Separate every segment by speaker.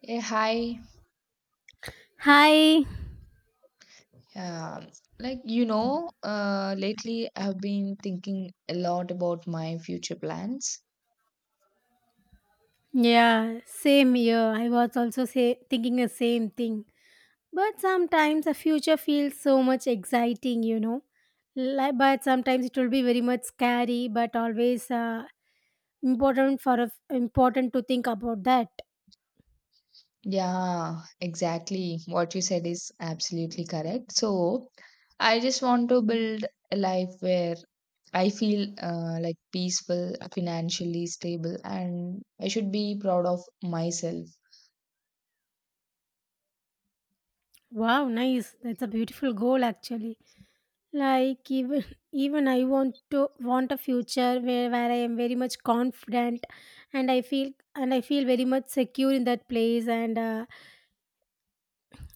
Speaker 1: Yeah, hi.
Speaker 2: Hi.
Speaker 1: Um, lately I've been thinking a lot about my future plans.
Speaker 2: Yeah, same here. I was also thinking the same thing. But sometimes the future feels so much exciting, you know. Like, but sometimes it will be very much scary, but always important important to think about that.
Speaker 1: Yeah, exactly. What you said is absolutely correct. So, I just want to build a life where I feel like peaceful, financially stable, and I should be proud of myself.
Speaker 2: Wow, nice. That's a beautiful goal actually. Like even even I want a future where I am very much confident and I feel very much secure in that place and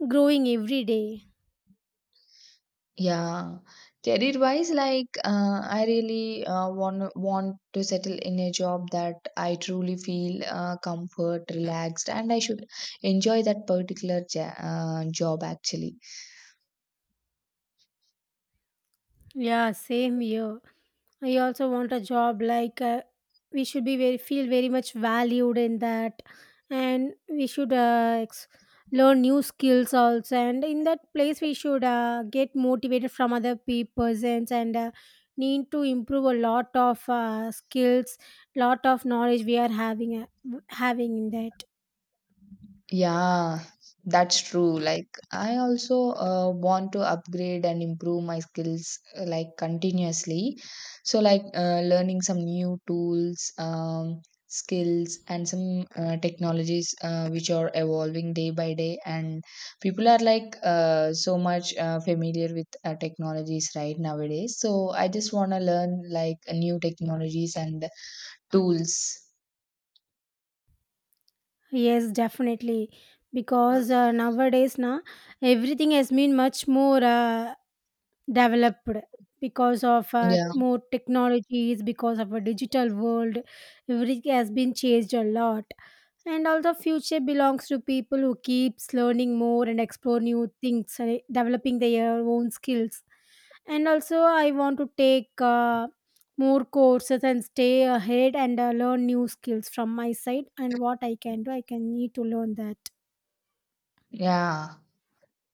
Speaker 2: growing every day.
Speaker 1: Yeah, career-wise, I really want to settle in a job that I truly feel comfort, relaxed, and I should enjoy that particular job actually.
Speaker 2: Yeah, same here. I also want a job like we should be very much valued in that, and we should learn new skills also. And in that place, we should get motivated from other persons and need to improve a lot of skills, lot of knowledge we are having in that.
Speaker 1: Yeah, that's true. Like, I also want to upgrade and improve my skills like continuously. So, learning some new tools, skills, and some technologies which are evolving day by day. And people are so much familiar with technologies right nowadays. So, I just want to learn like new technologies and tools.
Speaker 2: Yes, definitely. Because nowadays, na everything has been much more developed because of
Speaker 1: Yeah.
Speaker 2: more technologies, because of a digital world. Everything has been changed a lot, and also future belongs to people who keeps learning more and explore new things, developing their own skills. And also, I want to take more courses and stay ahead and learn new skills from my side, and what I can do I can need to learn that.
Speaker 1: Yeah.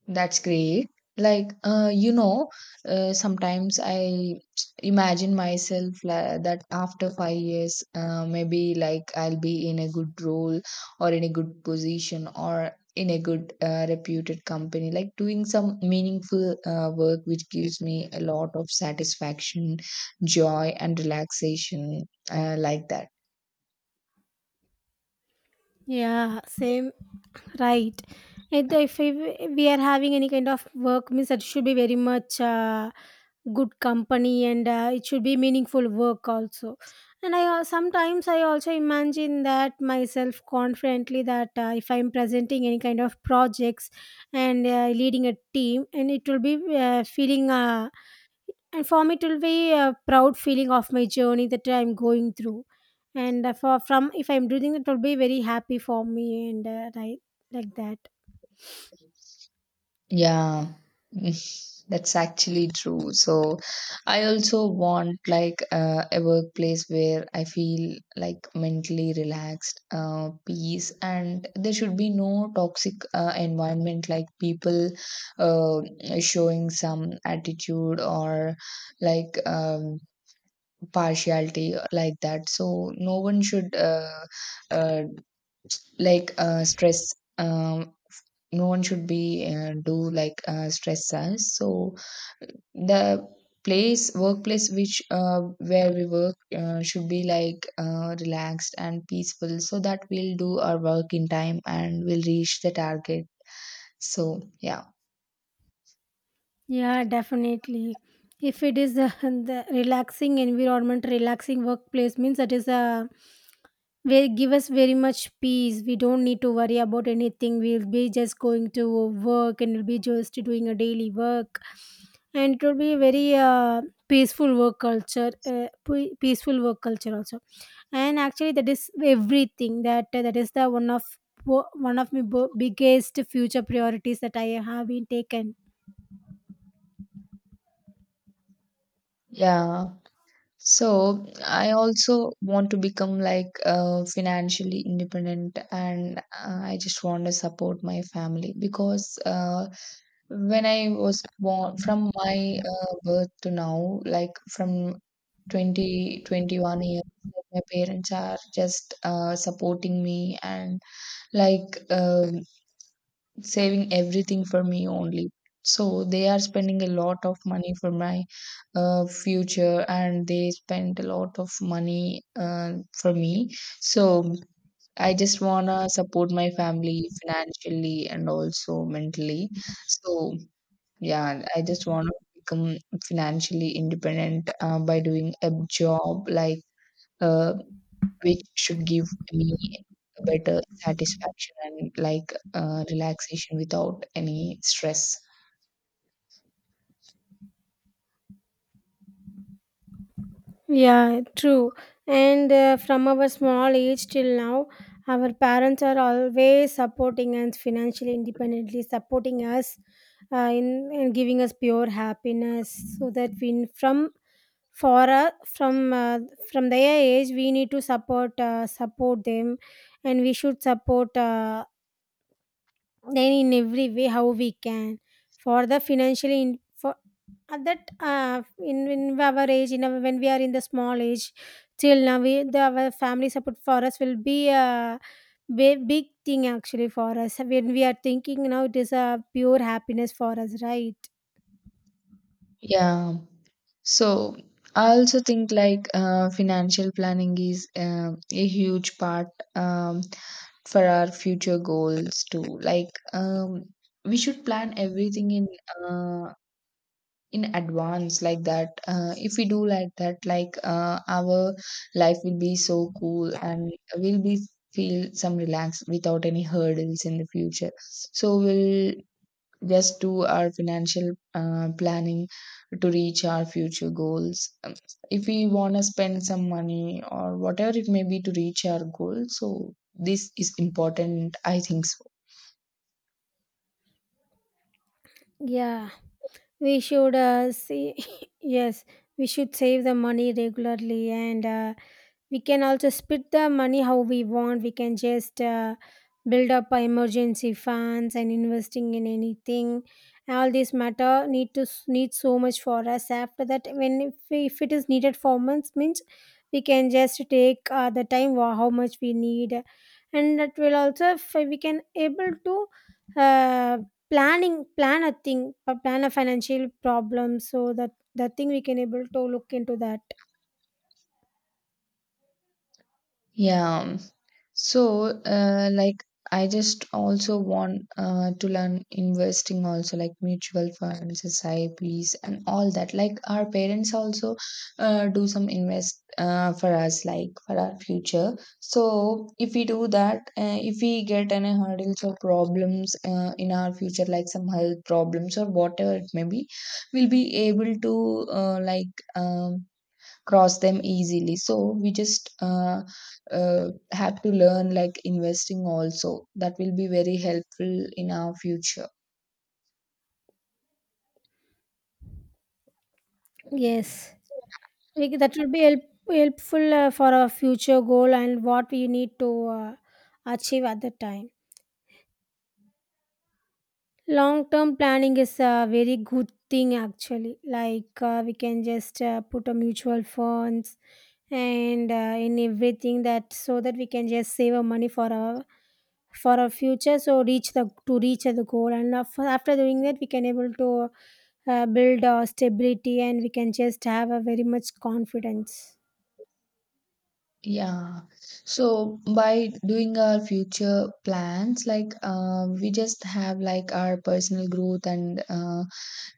Speaker 1: That's great. Like, uh, you know, sometimes I imagine myself la that after 5 years, maybe like I'll be in a good role or in a good position or in a good reputed company, like doing some meaningful work which gives me a lot of satisfaction, joy, and relaxation, like that.
Speaker 2: Yeah, same, right. And if we are having any kind of work means it should be very much good company, and it should be meaningful work also. And sometimes I also imagine that myself confidently, that if I'm presenting any kind of projects and leading a team, and it will be feeling and for me it will be a proud feeling of my journey that I'm going through. And for from if I'm doing, it will be very happy for me, and right, like that.
Speaker 1: Yeah, that's actually true. So I also want like a workplace where I feel like mentally relaxed, peace, and there should be no toxic environment like people uh, showing some attitude or like um, partiality like that. So no one should uh, stress. Um, no one should be do like stress us so the place workplace which where we work should be relaxed and peaceful so that we'll do our work in time and we'll reach the target, so yeah.
Speaker 2: Yeah, definitely. If it is a, the relaxing environment, relaxing workplace means that is a, they give us very much peace. We don't need to worry about anything. We'll be just going to work and we'll be just doing a daily work, and it will be very peaceful work culture. Peaceful work culture also, and actually that is everything. That is the one of my biggest future priorities that I have been taken.
Speaker 1: Yeah, so I also want to become financially independent and I just want to support my family because when I was born, from my birth to now, like from 20 21 years, like my parents are just supporting me and like um saving everything for me only. So they are spending a lot of money for my future and they spend a lot of money for me. So I just wanna support my family financially and also mentally. So yeah, I just want to become financially independent by doing a job uh, which should give me a better satisfaction and relaxation without any stress.
Speaker 2: Yeah, true. And from our small age till now, our parents are always supporting us financially independently, supporting us in giving us pure happiness. So that we from for from from their age, we need to support them, and we should support them in every way how we can, for the financially for at that in our age, in our, when we are in the small age till now we, the, our family support for us will be a big thing actually for us. When we are thinking now, it is a pure happiness for us, right.
Speaker 1: Yeah. So I also think financial planning is a huge part um, for our future goals too. We should plan everything in. Uh, in advance like that, if we do like that, our life will be so cool and we'll be feel some relaxed without any hurdles in the future, so we'll just do our financial planning to reach our future goals. If we want to spend some money or whatever it may be to reach our goal, so this is important, I think so.
Speaker 2: Yeah, we should see, yes, we should save the money regularly, and we can also split the money how we want. We can just build up our emergency funds and investing in anything. All this matter need to need so much for us. After that, when if it is needed for months, means we can just take the time how much we need, and that will also if we can able to uh, plan a thing plan a financial problem, so that the thing we can able to look into that.
Speaker 1: Yeah. So, I just also want to learn investing also, like mutual funds, S I P's, and all that. Like, our parents also do some invest for us, like for our future. So, if we do that, if we get any hurdles or problems in our future, like some health problems or whatever it may be, we'll be able to cross them easily, so we just have to learn like investing also, that will be very helpful in our future.
Speaker 2: Yes. Like, that will be helpful for our future goal, and what we need to achieve at the time. Long term planning is a very good thing actually. Like we can just put a mutual funds and in everything that, so that we can just save our money for our, for our future. So reach the, to reach the goal, and after doing that we can able to build stability, and we can just have a very much confidence.
Speaker 1: Yeah, so by doing our future plans, we just have like our personal growth and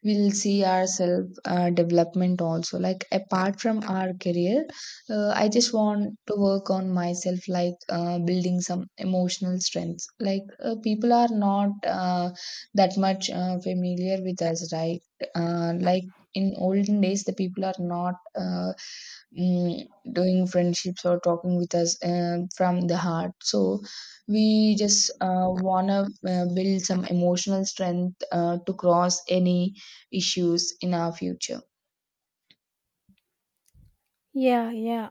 Speaker 1: we'll see ourself development also, like apart from our career, I just want to work on myself building some emotional strengths, people are not that much familiar with us, right? uh, like in olden days the people are not mm, doing friendships or talking with us from the heart, so we just want to build some emotional strength to cross any issues in our future.
Speaker 2: Yeah, yeah.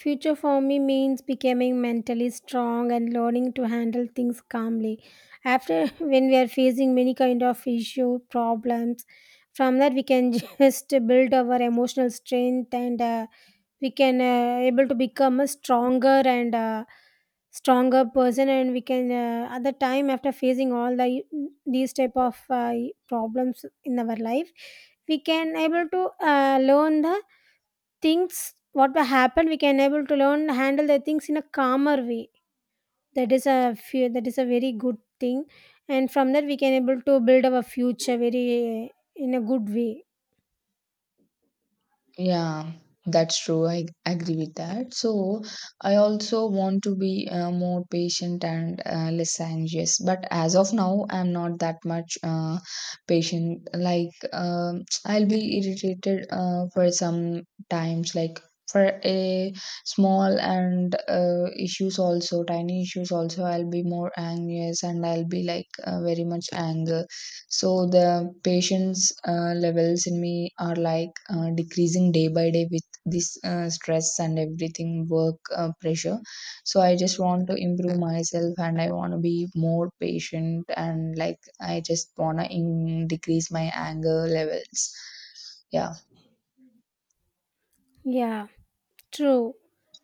Speaker 2: Future for me means becoming mentally strong and learning to handle things calmly. After when we are facing many kind of issue problems, from that we can just build our emotional strength, and we can able to become a stronger, and stronger person. And we can at the time after facing all the these type of problems in our life, we can able to learn the things what will happen. We can able to learn handle the things in a calmer way. That is a few that is a very good thing, and from that we can able to build our future very in a good way.
Speaker 1: Yeah, that's true. I agree with that. So, I also want to be more patient and less anxious. But as of now, I'm not that much patient. Like, I'll be irritated for some times, like for a small and issues also, tiny issues also, I'll be more anxious and I'll be very much angry. So the patience levels in me are decreasing day by day with this stress and everything, work pressure. So I just want to improve myself and I want to be more patient and like I just want to decrease my anger levels. Yeah,
Speaker 2: Yeah, true.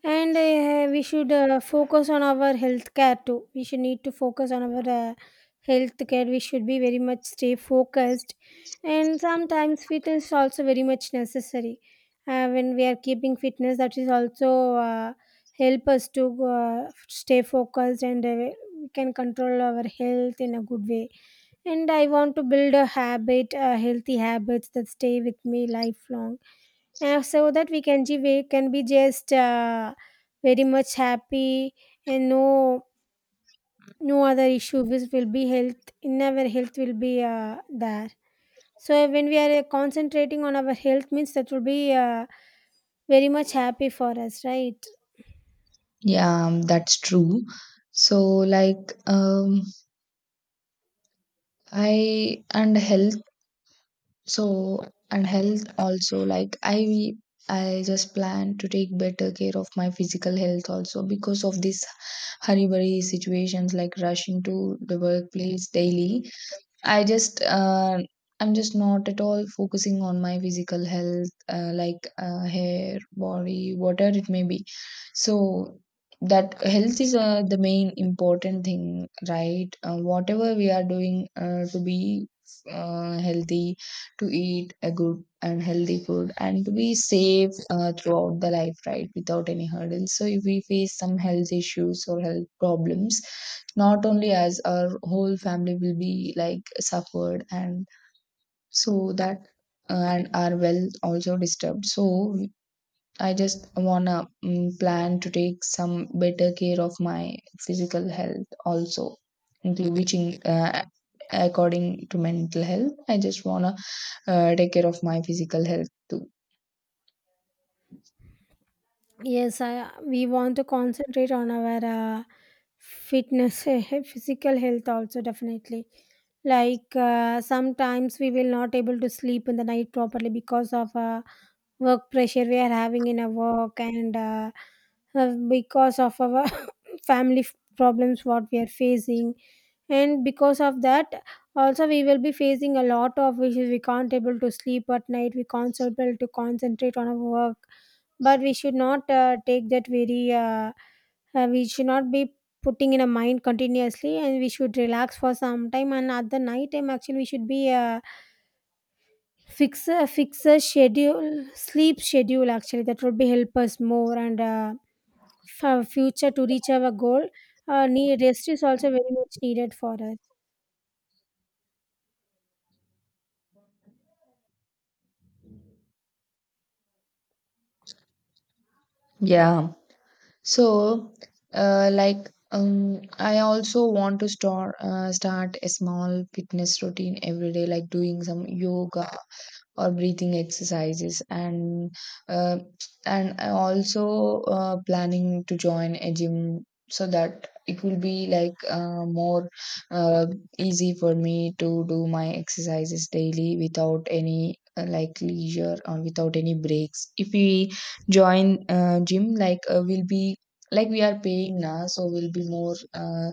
Speaker 2: And we should focus on our health care too. We should need to focus on our health care. We should be very much stay focused. And sometimes fitness is also very much necessary. When we are keeping fitness, that is also help us to stay focused, and we can control our health in a good way. And I want to build a habit, healthy habits that stay with me lifelong, so that we can give, we can be just very much happy and no, no other issue which will be health, in our health will be there. So when we are concentrating on our health means that will be very much happy for us, right.
Speaker 1: yeah, that's true. So I and health So, and health also, like I just plan to take better care of my physical health also because of this hurry burry situations like rushing to the workplace daily. I just, I'm just not at all focusing on my physical health, hair, body, whatever it may be. So that health is the main important thing, right? Whatever we are doing to be healthy, to eat a good and healthy food, and to be safe throughout the life, right? Without any hurdles. So if we face some health issues or health problems, not only us, our whole family will be like suffered and so that, and our wealth also disturbed, so I just wanna plan to take some better care of my physical health also, inclu- which in, uh, according to mental health I just wanna take care of my physical health too.
Speaker 2: Yes, I, we want to concentrate on our fitness, physical health also, definitely. Like sometimes we will not able to sleep in the night properly because of work pressure we are having in a work, and because of our family problems what we are facing, and because of that also we will be facing a lot of issues. We can't able to sleep at night, we can't so able to concentrate on our work. But we should not take that very we should not be putting in a mind continuously, and we should relax for some time. And at the night time actually we should be fix a schedule, sleep schedule actually. That would be help us more, and for future to reach our goal, need, rest is also very much needed for us.
Speaker 1: Yeah. So, I also want to start a small fitness routine every day, like doing some yoga or breathing exercises uh, and I also planning to join a gym so that it will be more uh, easy for me to do my exercises daily without any like leisure or without any breaks. If we join gym, we'll be like we are paying now, so we'll be more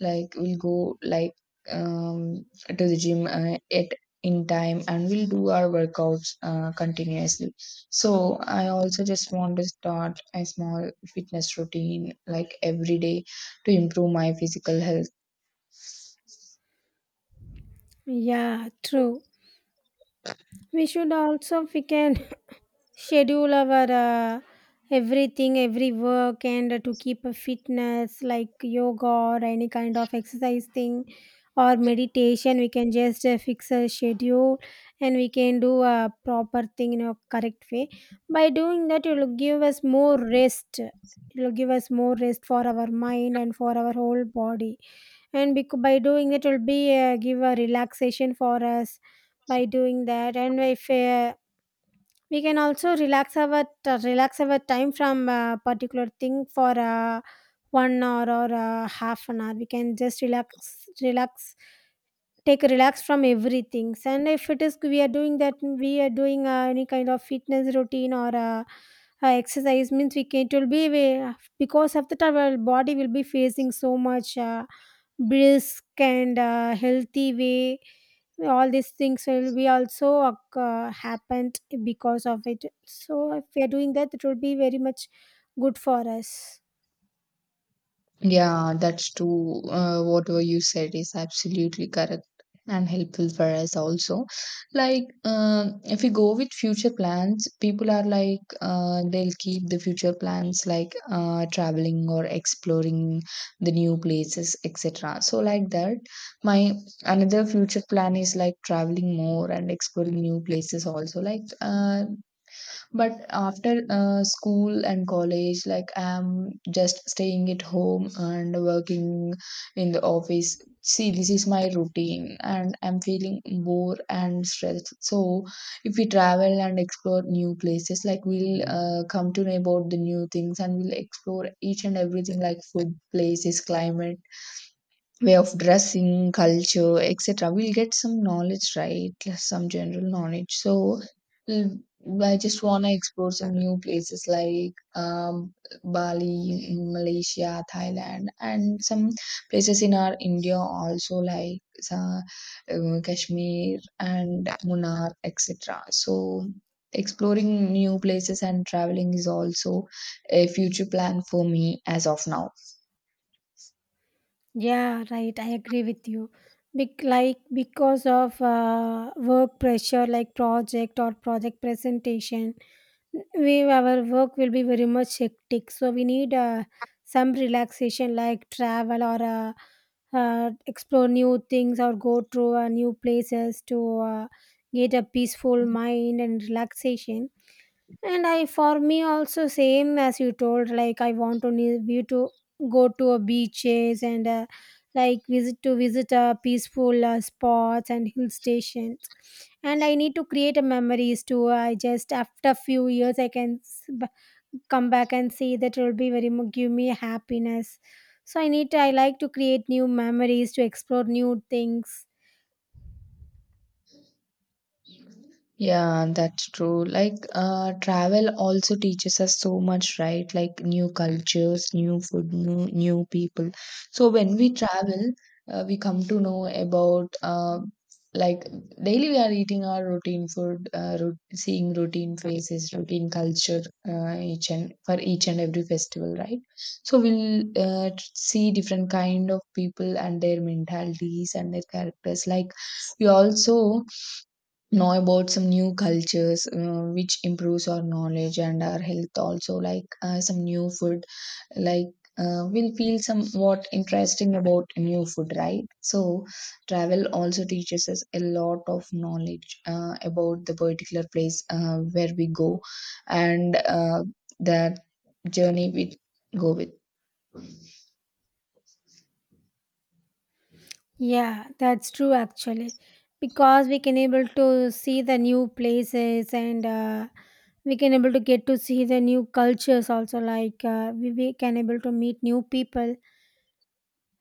Speaker 1: like we'll go um to the gym at in time and we'll do our workouts continuously. So, I also just want to start a small fitness routine like every day to improve my physical health.
Speaker 2: Yeah, true. We should also if we can schedule our everything, every work, and to keep a fitness like yoga or any kind of exercise thing or meditation. We can just fix a schedule, and we can do a proper thing in a correct way. By doing that, it will give us more rest. It will give us more rest for our mind and for our whole body, and by doing it will be give a relaxation for us by doing that. And if we can also relax relax our time from a particular thing for 1 hour or half an hour, we can just relax, take a relax from everything. And if it is we are doing that, we are doing any kind of fitness routine or exercise means, we can, it will be we, because of that our body will be facing so much brisk and healthy way. All these things will be also happened because of it, so if we are doing that, it will be very much good for us.
Speaker 1: Yeah, that's true. Whatever you said is absolutely correct and helpful for us also. Like, if we go with future plans, people are like, they'll keep the future plans like traveling or exploring the new places, etc. So, like that, my another future plan is like traveling more and exploring new places also. But after school and college, like I'm just staying at home and working in the office. See, this is my routine, and I'm feeling bored and stressed. So, if we travel and explore new places, like we'll come to know about the new things and we'll explore each and everything, like food, places, climate, way of dressing, culture, etc. We'll get some knowledge, right? Some general knowledge. So mm, I just wanna explore some new places Bali, in Malaysia, Thailand, and some places in our India also, uh, Kashmir and Munnar, etc. So exploring new places and traveling is also a future plan for me as of now.
Speaker 2: Yeah, right. I agree with you. Like because of work pressure, like project or project presentation, we, our work will be very much hectic. So we need some relaxation, like travel or explore new things, or go to new places to get a peaceful mind and relaxation. And I, for me also same as you told, like I want to ne- be to go to a beaches, and like visit a peaceful spots and hill stations. And I need to create a memories too. I just after a few years I can come back and see that, it will be very give me happiness. So I need to, I like to create new memories, to explore new things.
Speaker 1: Yeah, that's true. Like, travel also teaches us so much, right? Like new cultures, new food, new people. So when we travel, we come to know about, like daily we are eating our routine food, seeing routine faces, routine culture, each and for each and every festival, right? So we'll see different kind of people and their mentalities and their characters. Like we also know about some new cultures which improves our knowledge and our health also, some new food, like we'll feel somewhat interesting about new food, right? So travel also teaches us a lot of knowledge about the particular place where we go and the journey we go with.
Speaker 2: Yeah, that's true actually, because we can able to see the new places, and we can able to get to see the new cultures also. Like we can able to meet new people.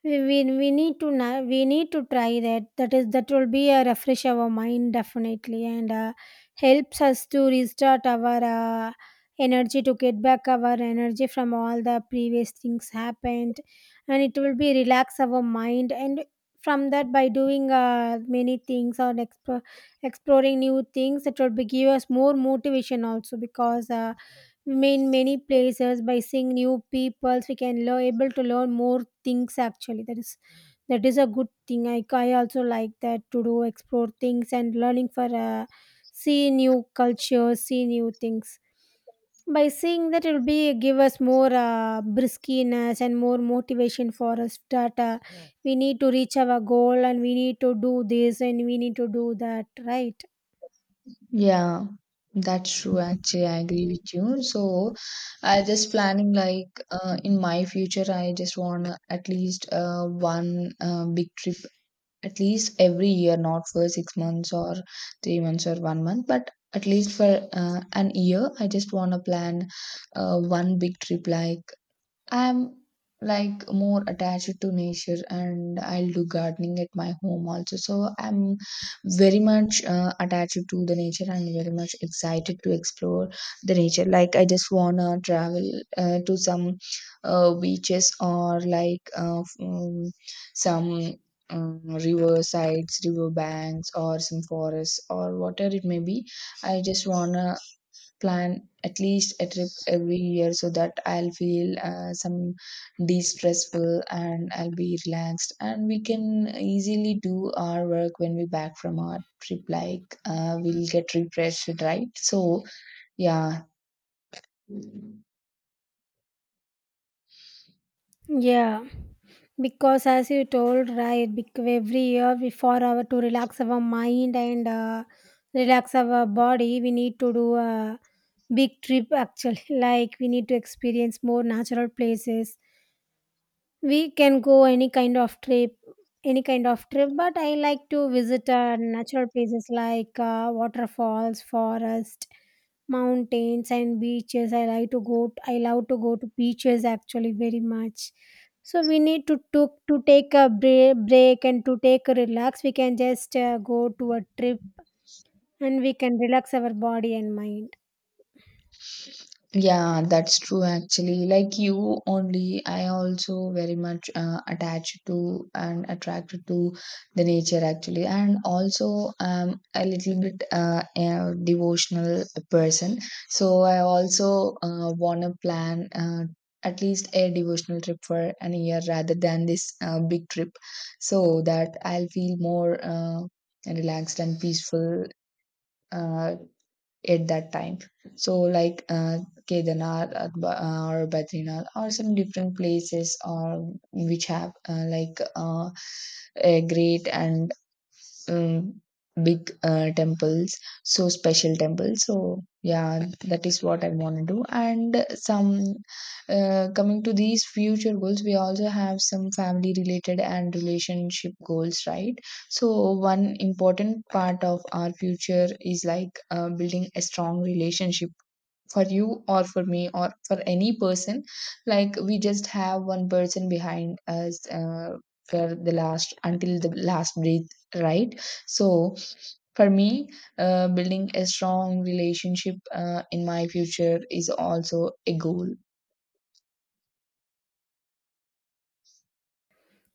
Speaker 2: We need to we need to try that will be a refresh our mind definitely, and helps us to restart our energy, to get back our energy from all the previous things happened, and it will be relax our mind. And from that, by doing many things or exploring new things, it will be give us more motivation also, because in many places by seeing new people we can learn able to learn more things actually. That is a good thing. I also like that, to do explore things and learning for see new cultures, see new things. By seeing that, it will be give us more briskiness and more motivation for us, that we need to reach our goal, and we need to do this and we need to do that, right?
Speaker 1: Yeah, that's true. Actually, I agree with you. So, I just planning in my future, I just want to at least one big trip at least every year, not for 6 months or 3 months or 1 month, but at least for an year, I just want to plan one big trip. Like, I'm like more attached to nature and I'll do gardening at my home also. So I'm very much attached to the nature. I'm very much excited to explore the nature. Like I just wanna travel to some beaches or like some river sides, river banks, or some forests or whatever it may be. I just wanna plan at least a trip every year so that I'll feel some de-stressful and I'll be relaxed, and we can easily do our work when we back from our trip, like we'll get refreshed, right? So yeah.
Speaker 2: Yeah, because as you told right, every year we for our to relax our mind and relax our body, we need to do a big trip actually. Like we need to experience more natural places. We can go any kind of trip, any kind of trip, but I like to visit natural places like waterfalls, forest, mountains, and beaches. I like to go. I love to go to beaches actually very much. So we need to took to take a break, break, and to take a relax. We can just go to a trip and we can relax our body and mind.
Speaker 1: Yeah, that's true actually. Like you only, I also very much attached to and attracted to the nature actually, and also a little bit a devotional person. So I also want to plan at least a devotional trip for an year rather than this big trip, so that I'll feel more relaxed and peaceful. Uh, at that time. So Kedarnath, or Badrinath or some different places or which have a great and um, big temples, so special temples. So yeah, that is what I want to do. And some coming to these future goals, we also have some family related and relationship goals, right? So one important part of our future is like building a strong relationship for you or for me or for any person. Like we just have one person behind us for the last until the last breath, right? So for me, building a strong relationship in my future is also a goal.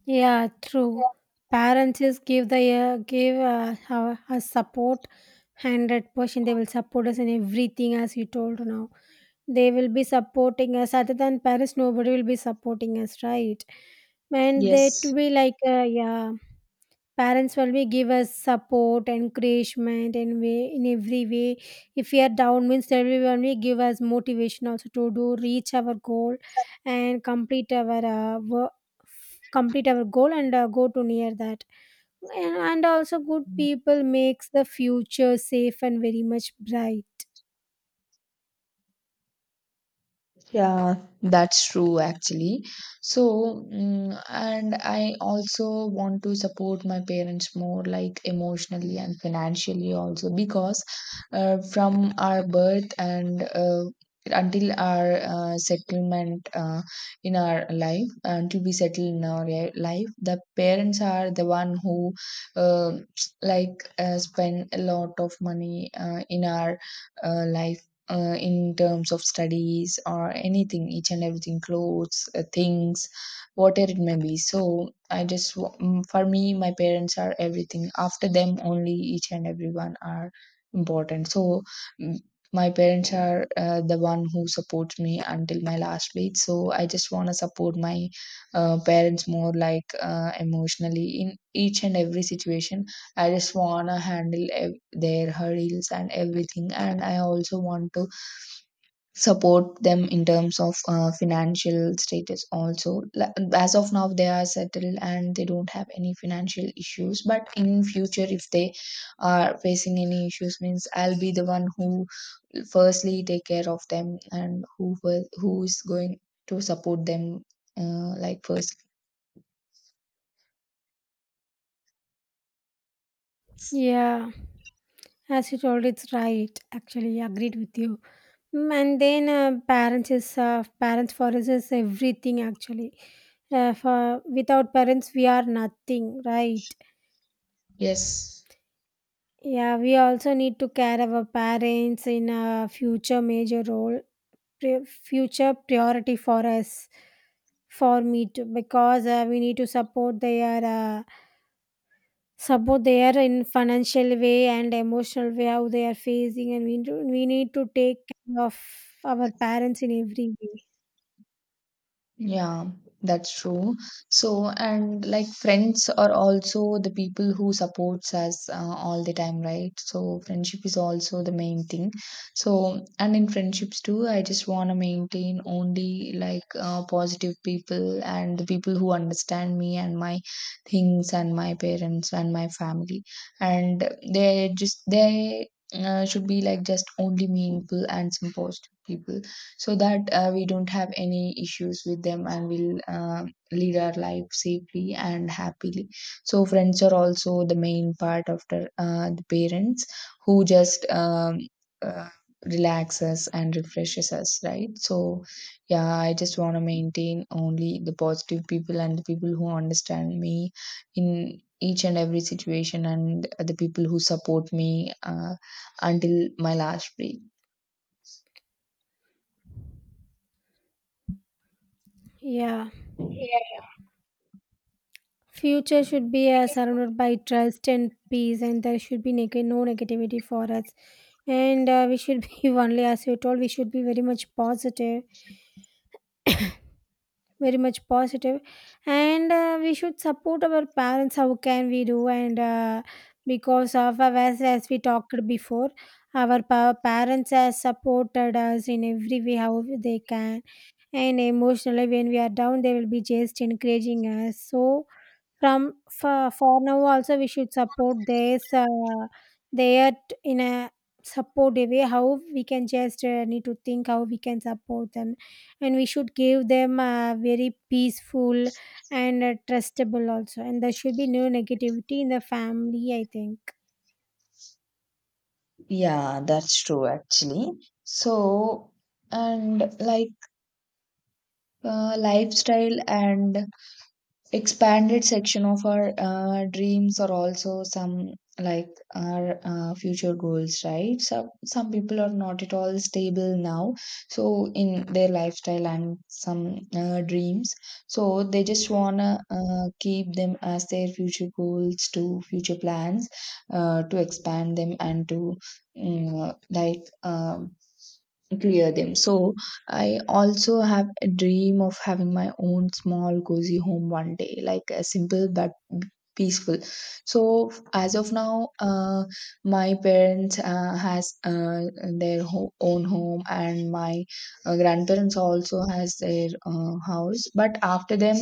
Speaker 2: Yeah, true. Parents is give the give our, us support, 100%. They will support us in everything, as you told now. They will be supporting us. Other than parents, nobody will be supporting us, right? And they to
Speaker 1: Yes.
Speaker 2: be like, yeah, parents will be give us support, encouragement, and way in every way. If we are down means, they will only give us motivation also to do reach our goal and complete our work, complete our goal and go to near that. And also, good people makes the future safe and very much bright.
Speaker 1: Yeah, that's true actually. So, and I also want to support my parents more, like emotionally and financially also, because from our birth and until our settlement in our life, until we settle in our life, the parents are the one who uh, spend a lot of money in our life in terms of studies or anything, each and everything, clothes, things, whatever it may be. So I just, for me, my parents are everything. After them, only each and everyone are important. So, mm, my parents are the one who supports me until my last breath. So I just want to support my parents more, like emotionally in each and every situation. I just want to handle their hurdles and everything, and I also want to support them in terms of financial status also. Like, as of now they are settled and they don't have any financial issues, but in future if they are facing any issues means I'll be the one who firstly take care of them and who is going to support them like first.
Speaker 2: Yeah. As you told, it's right. Actually, agreed with you. Mm, and then parents is parents for us is everything. Actually, for without parents we are nothing, right?
Speaker 1: Yes.
Speaker 2: Yeah, we also need to care our parents in a future major role, future priority for us, for me too, because we need to support their. Uh, Support they are in financial way and emotional way, how they are facing, and we need to take care of our parents in every way.
Speaker 1: Yeah, that's true. So, and like friends are also the people who supports us all the time, right? So, friendship is also the main thing. So, and in friendships too, I just want to maintain only like positive people and the people who understand me and my things and my parents and my family. And they should be like just only meaningful and some positive people, so that we don't have any issues with them, and we'll lead our life safely and happily. So friends are also the main part after the parents, who just uh, relax and refreshes us, right? So yeah, I just want to maintain only the positive people and the people who understand me in each and every situation and the people who support me until my last breath.
Speaker 2: Yeah, future should be surrounded by trust and peace, and there should be no negativity for us, and we should be only, as you told, we should be very much positive, very much positive. And we should support our parents how can we do, and because of as we talked before, our parents have supported us in every way how they can, and emotionally when we are down they will be just encouraging us. So from for now also, we should support this there in a supportive way. How we can just need to think how we can support them, and we should give them very peaceful and trustable also. And there should be no negativity in the family, I think.
Speaker 1: Yeah, that's true actually. So, and like lifestyle and expanded section of our dreams are also some like our future goals, right? So some people are not at all stable now, so in their lifestyle and some dreams, so they just wanna keep them as their future goals to future plans to expand them and to uh, like um, clear them. So I also have a dream of having my own small cozy home one day, like a simple but peaceful. So as of now, my parents has their own home, and my grandparents also has their house. But after them,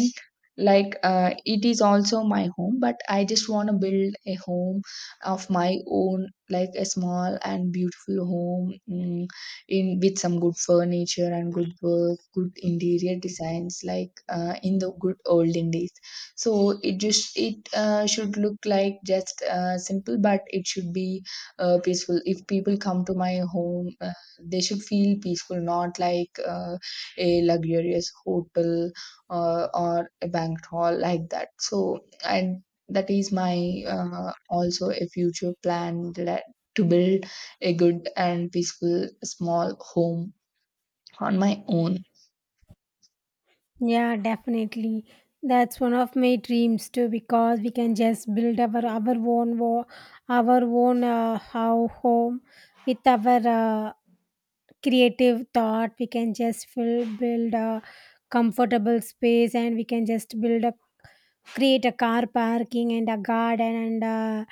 Speaker 1: it is also my home, but I just want to build a home of my own, like a small and beautiful home. In with some good furniture and good interior designs, like in the good olden days. So it should look like just simple, but it should be peaceful. If people come to my home, they should feel peaceful, not like a luxurious hotel or a banquet hall like that. So, and that is my also a future plan that to build a good and peaceful small home on my own.
Speaker 2: Yeah, definitely. That's one of my dreams too, because we can just build our own our own how home with our creative thought. We can just build a comfortable space, and we can just build a create a car parking and a garden and a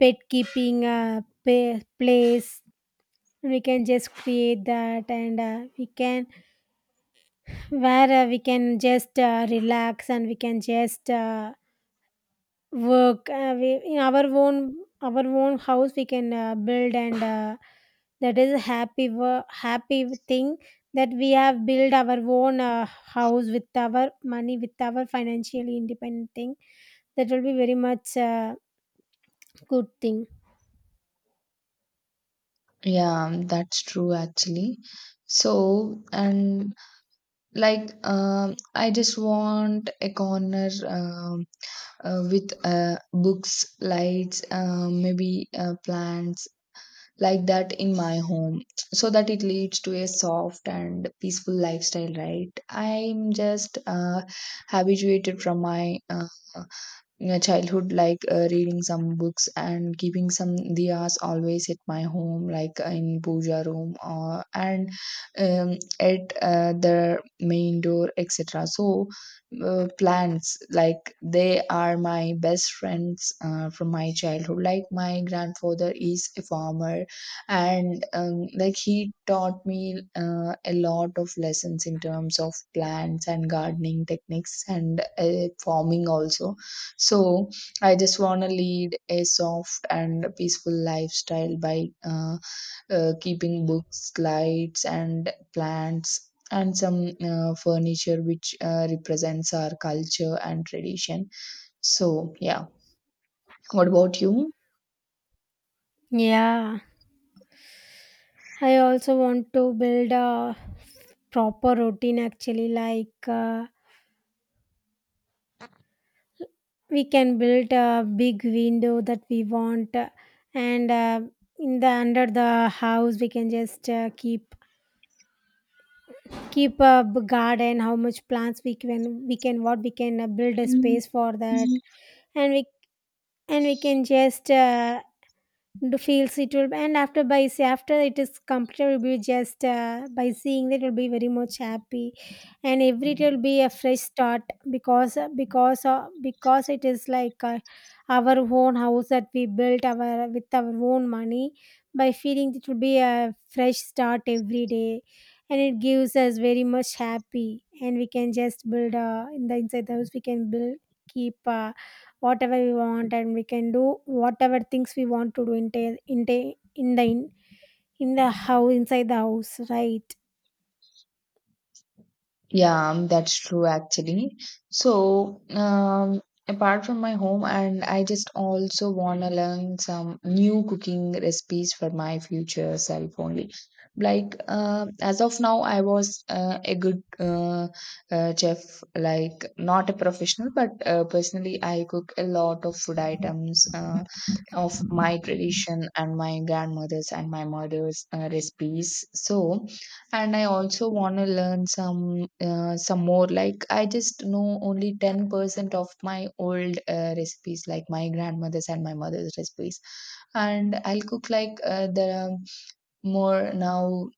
Speaker 2: pet keeping a place. We can just create that, and we can where we can just relax and we can just work in our own, our own house we can build, and that is a happy happy thing, that we have built our own house with our money, with our financially independent thing. That will be very much good thing.
Speaker 1: Yeah, that's true actually. So, and I just want a corner, with books, lights, maybe plants like that in my home, so that it leads to a soft and peaceful lifestyle, right? I'm just habituated from my childhood, like reading some books and keeping some diyas always at my home, like in puja room or and at the main door etc. So plants, like they are my best friends from my childhood. Like my grandfather is a farmer, and like he taught me a lot of lessons in terms of plants and gardening techniques and farming also. So I just want to lead a soft and peaceful lifestyle by keeping books, lights, and plants, and some furniture which represents our culture and tradition. So, yeah. What about you?
Speaker 2: Yeah, I also want to build a proper routine actually, like we can build a big window that we want, and in the under the house we can just keep a garden, how much plants we can. We can what we can build a space for that.
Speaker 1: Mm.
Speaker 2: and we and we can just to feels it will and after by say after it is completed, will be just by seeing that it will be very much happy, and every day will be a fresh start. Because because it is like our own house that we built our with our own money, by feeling it will be a fresh start every day, and it gives us very much happy. And we can just build in the inside the house we can build keep whatever we want, and we can do whatever things we want to do in ta- in ta- in the in, in the house, inside the house, right?
Speaker 1: Yeah, that's true actually. So, apart from my home, and I just also want to learn some new cooking recipes for my future self only. Like, as of now, I was a good chef, like not a professional, but personally, I cook a lot of food items of my tradition and my grandmother's and my mother's recipes. So, and I also want to learn some more. Like I just know only 10% of my old recipes, like my grandmother's and my mother's recipes. And I'll cook like the more now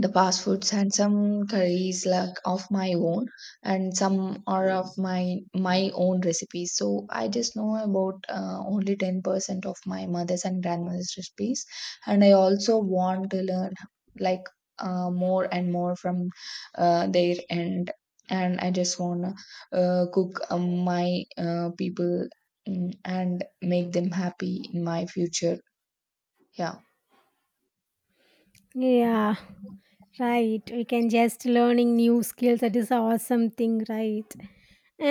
Speaker 1: the fast foods and some curries like of my own, and some are of my own recipes. So I just know about only 10% of my mother's and grandmother's recipes, and I also want to learn like more and more from their end. And I just want to cook my people, and make them happy in my future. Yeah.
Speaker 2: Yeah, right, we can just learning new skills, that is an awesome thing, right?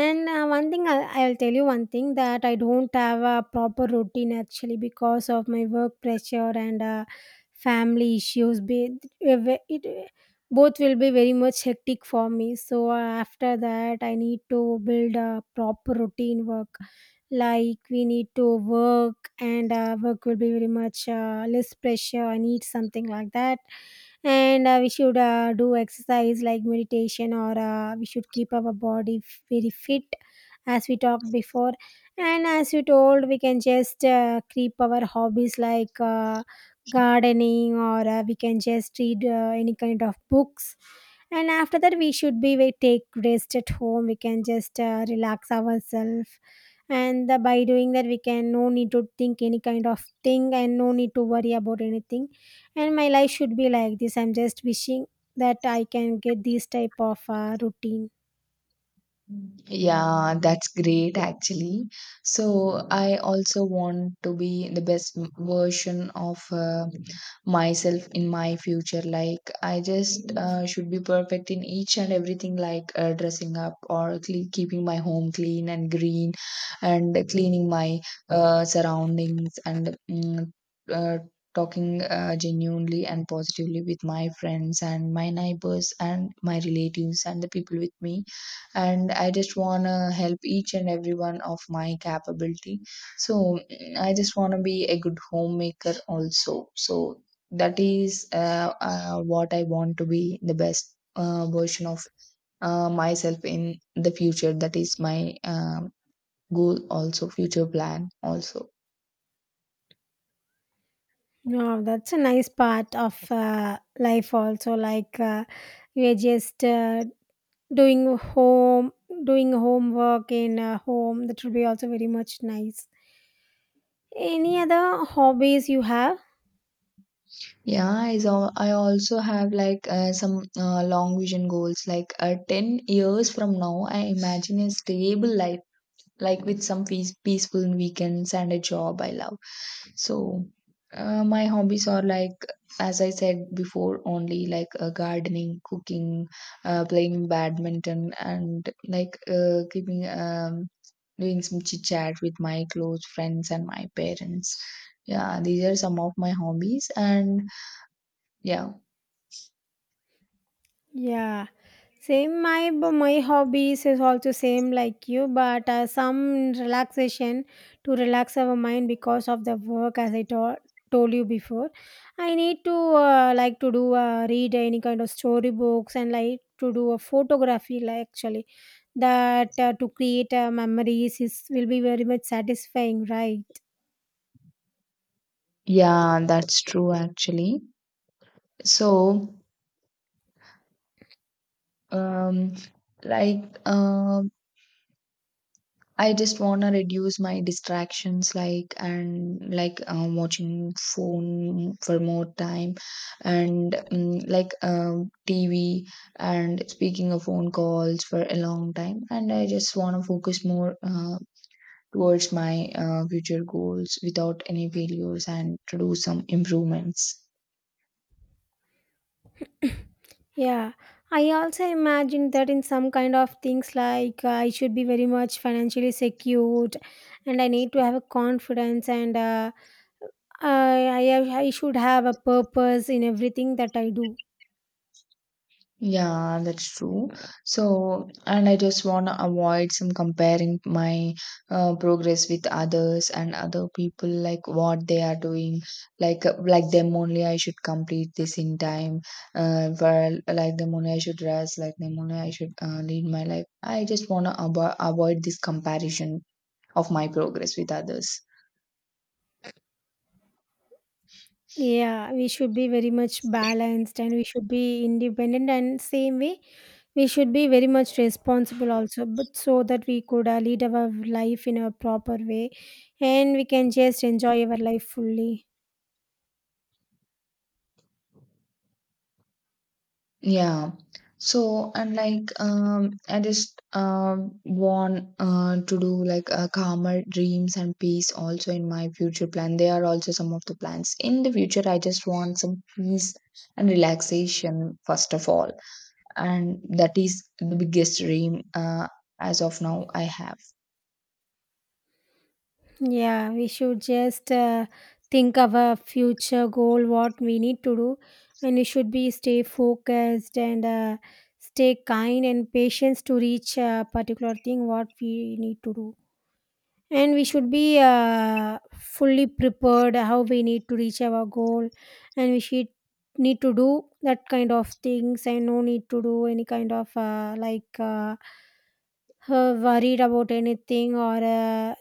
Speaker 2: And one thing, I'll tell you one thing, that I don't have a proper routine actually, because of my work pressure and family issues. It, both will be very much hectic for me. So after that, I need to build a proper routine work. Like we need to work, and work will be very much less pressure. I need something like that. And we should do exercise like meditation, or we should keep our body very fit, as we talked before. And as you told, we can just keep our hobbies like gardening, or we can just read any kind of books. And after that, we should be we take rest at home, we can just relax ourselves, and by doing that we can no need to think any kind of thing, and no need to worry about anything. And my life should be like this, I'm just wishing that I can get this type of routine.
Speaker 1: Yeah, that's great actually. So I also want to be the best version of myself in my future. Like I just should be perfect in each and everything, like dressing up or cle keeping my home clean and green, and cleaning my surroundings, and uh, talking genuinely and positively with my friends and my neighbors and my relatives and the people with me. And I just want to help each and every one of my capability. So I just want to be a good homemaker also. So that is what I want, to be the best version of myself in the future. That is my goal also, future plan also.
Speaker 2: No, that's a nice part of life also, like we're just doing home doing homework in home, that would be also very much nice. Any other hobbies you have?
Speaker 1: Yeah, so I also have like some long vision goals, like 10 years from now I imagine a stable life, like with some peaceful weekends and a job I love. So, my hobbies are like, as I said before, only like gardening, cooking, playing badminton, and like keeping doing some chit chat with my close friends and my parents. Yeah, these are some of my hobbies, and yeah.
Speaker 2: Yeah, same, my my hobbies is also same like you, but some relaxation to relax our mind, because of the work, as I told you before. I need to like to do read any kind of storybooks, and like to do a photography. Like actually, that to create memories is will be very much satisfying, right?
Speaker 1: Yeah, that's true actually. So, um, like um I just want to reduce my distractions, like and like watching phone for more time, and TV and speaking of phone calls for a long time. And I just want to focus more towards my future goals without any failures and to do some improvements.
Speaker 2: Yeah, I also imagine that in some kind of things, like I should be very much financially secured, and I need to have a confidence, and I should have a purpose in everything that I do.
Speaker 1: Yeah, that's true. So, and I just want to avoid some comparing my progress with others and other people, like what they are doing. Like them only, I should complete this in time. For like them only, I should rest. Like them only, I should lead my life. I just want to avoid this comparison of my progress with others.
Speaker 2: Yeah, we should be very much balanced, and we should be independent, and same way we should be very much responsible also, but so that we could lead our life in a proper way, and we can just enjoy our life fully.
Speaker 1: Yeah. So and I just want to do like calmer dreams and peace also in my future plan. They are also some of the plans. In the future I just want some peace and relaxation first of all. And that is the biggest dream as of now I have.
Speaker 2: Yeah, we should just think of a future goal, what we need to do, and we should be stay focused and stay kind and patience to reach a particular thing what we need to do. And we should be fully prepared how we need to reach our goal, and we should need to do that kind of things, and no need to do any kind of worried about anything, or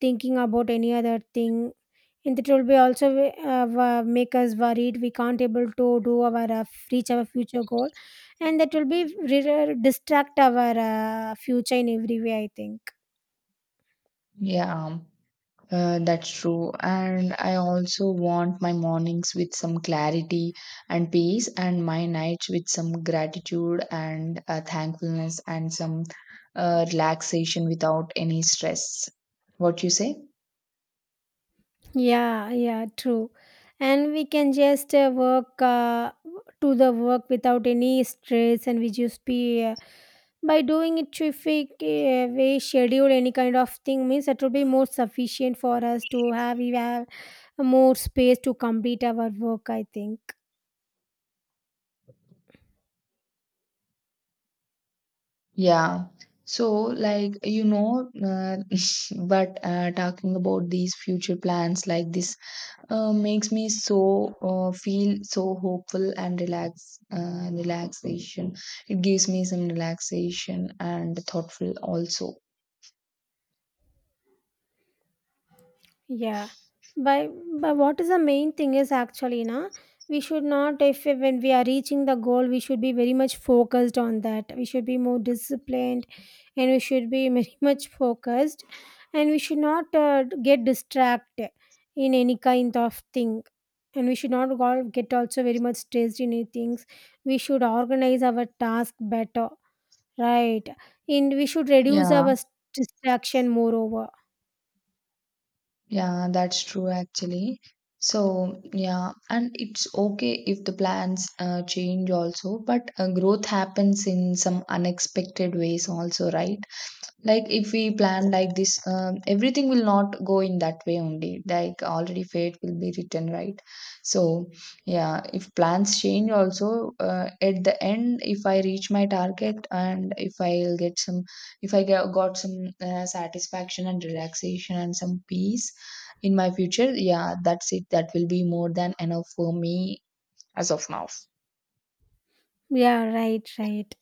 Speaker 2: thinking about any other thing, and it will be also make us worried, we can't able to do our reach our future goal, and that will be distract our future in every way, I think.
Speaker 1: Yeah. That's true. And I also want my mornings with some clarity and peace, and my nights with some gratitude and thankfulness and some relaxation without any stress. What you say?
Speaker 2: Yeah, true. And we can just work to the work without any stress, and we just be by doing it, if we we schedule any kind of thing means, it will be more sufficient for us to have we have more space to complete our work, I think.
Speaker 1: Yeah. So, like, you know, but talking about these future plans, like this makes me so feel so hopeful and relaxation. It gives me some relaxation and thoughtful also.
Speaker 2: Yeah, but what is the main thing is actually, na, we should not, if when we are reaching the goal, we should be very much focused on that. We should be more disciplined, and we should be very much focused, and we should not get distracted in any kind of thing. And we should not all get also very much stressed in any things. We should organize our task better, right? And we should reduce
Speaker 1: Yeah,
Speaker 2: our distraction moreover.
Speaker 1: yeah, that's true actually. So yeah, and it's okay if the plans change also, but growth happens in some unexpected ways also, right? Like if we plan like this, everything will not go in that way only, like already fate will be written, right? So yeah, if plans change also at the end, if I reach my target and if got some satisfaction and relaxation and some peace in my future, yeah that's it, that will be more than enough for me as of now.
Speaker 2: Yeah, right, right.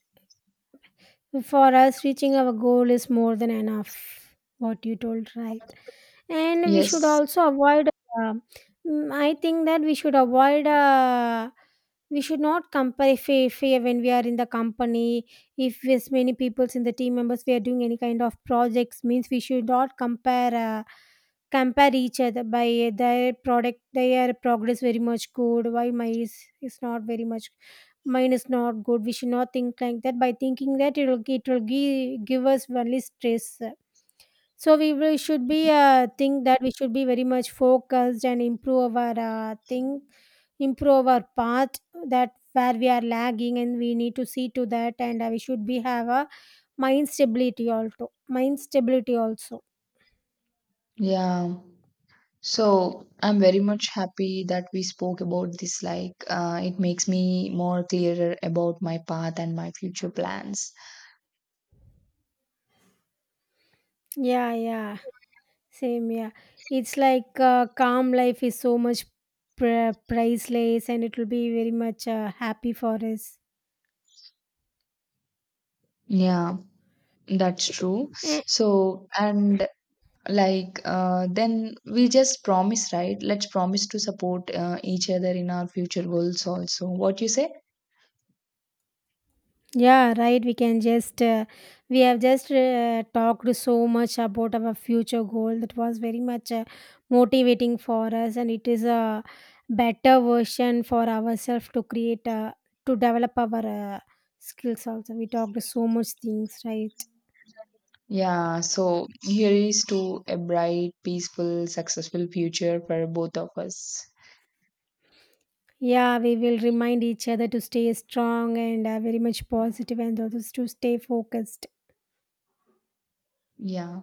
Speaker 2: For us, reaching our goal is more than enough. What you told, right? And we should
Speaker 1: Yes.
Speaker 2: also avoid. Uh, I think that we should avoid. We should not compare fear when we are in the company. If there's many peoples in the team members, we are doing any kind of projects, means we should not compare. Compare each other by their progress very much good, why my is not very much, mind is not good, we should not think like that. By thinking that, it will give us only stress. So should be think that we should be very much focused, and improve our thing improve our path, that where we are lagging, and we need to see to that. And we should be have a mind stability also.
Speaker 1: Yeah. So I'm very much happy that we spoke about this. Like, it makes me more clearer about my path and my future plans.
Speaker 2: Yeah, yeah, same, yeah. It's like calm life is so much priceless, and it will be very much happy for us.
Speaker 1: Yeah, that's true.
Speaker 2: Eh,
Speaker 1: So, and like, then we just promise, right? Let's promise to support each other in our future goals also. What you say?
Speaker 2: yeah, right. We can just, we have just talked so much about our future goal, that was very much motivating for us, and it is a better version for ourselves to create, to develop our skills also. We talked so much things, right?
Speaker 1: Yeah, so here is to a bright, peaceful, successful future for both of us.
Speaker 2: Yeah, we will remind each other to stay strong and very much positive, and also to stay focused.
Speaker 1: Yeah.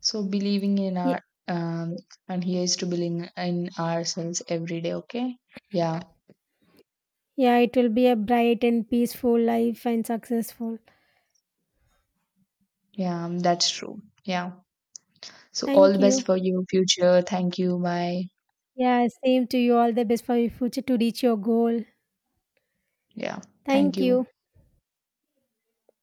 Speaker 1: So believing in
Speaker 2: Ye-
Speaker 1: our um, and here's to believing in ourselves every day. Okay. Yeah.
Speaker 2: Yeah, it will be a bright and peaceful life, and successful.
Speaker 1: Yeah. That's true. Yeah. So all the
Speaker 2: Thank
Speaker 1: best
Speaker 2: you.
Speaker 1: for your future. Thank you. Bye.
Speaker 2: Yeah, same to you. All the best for your future to reach your goal.
Speaker 1: Yeah. Thank
Speaker 2: Thank
Speaker 1: you.
Speaker 2: you.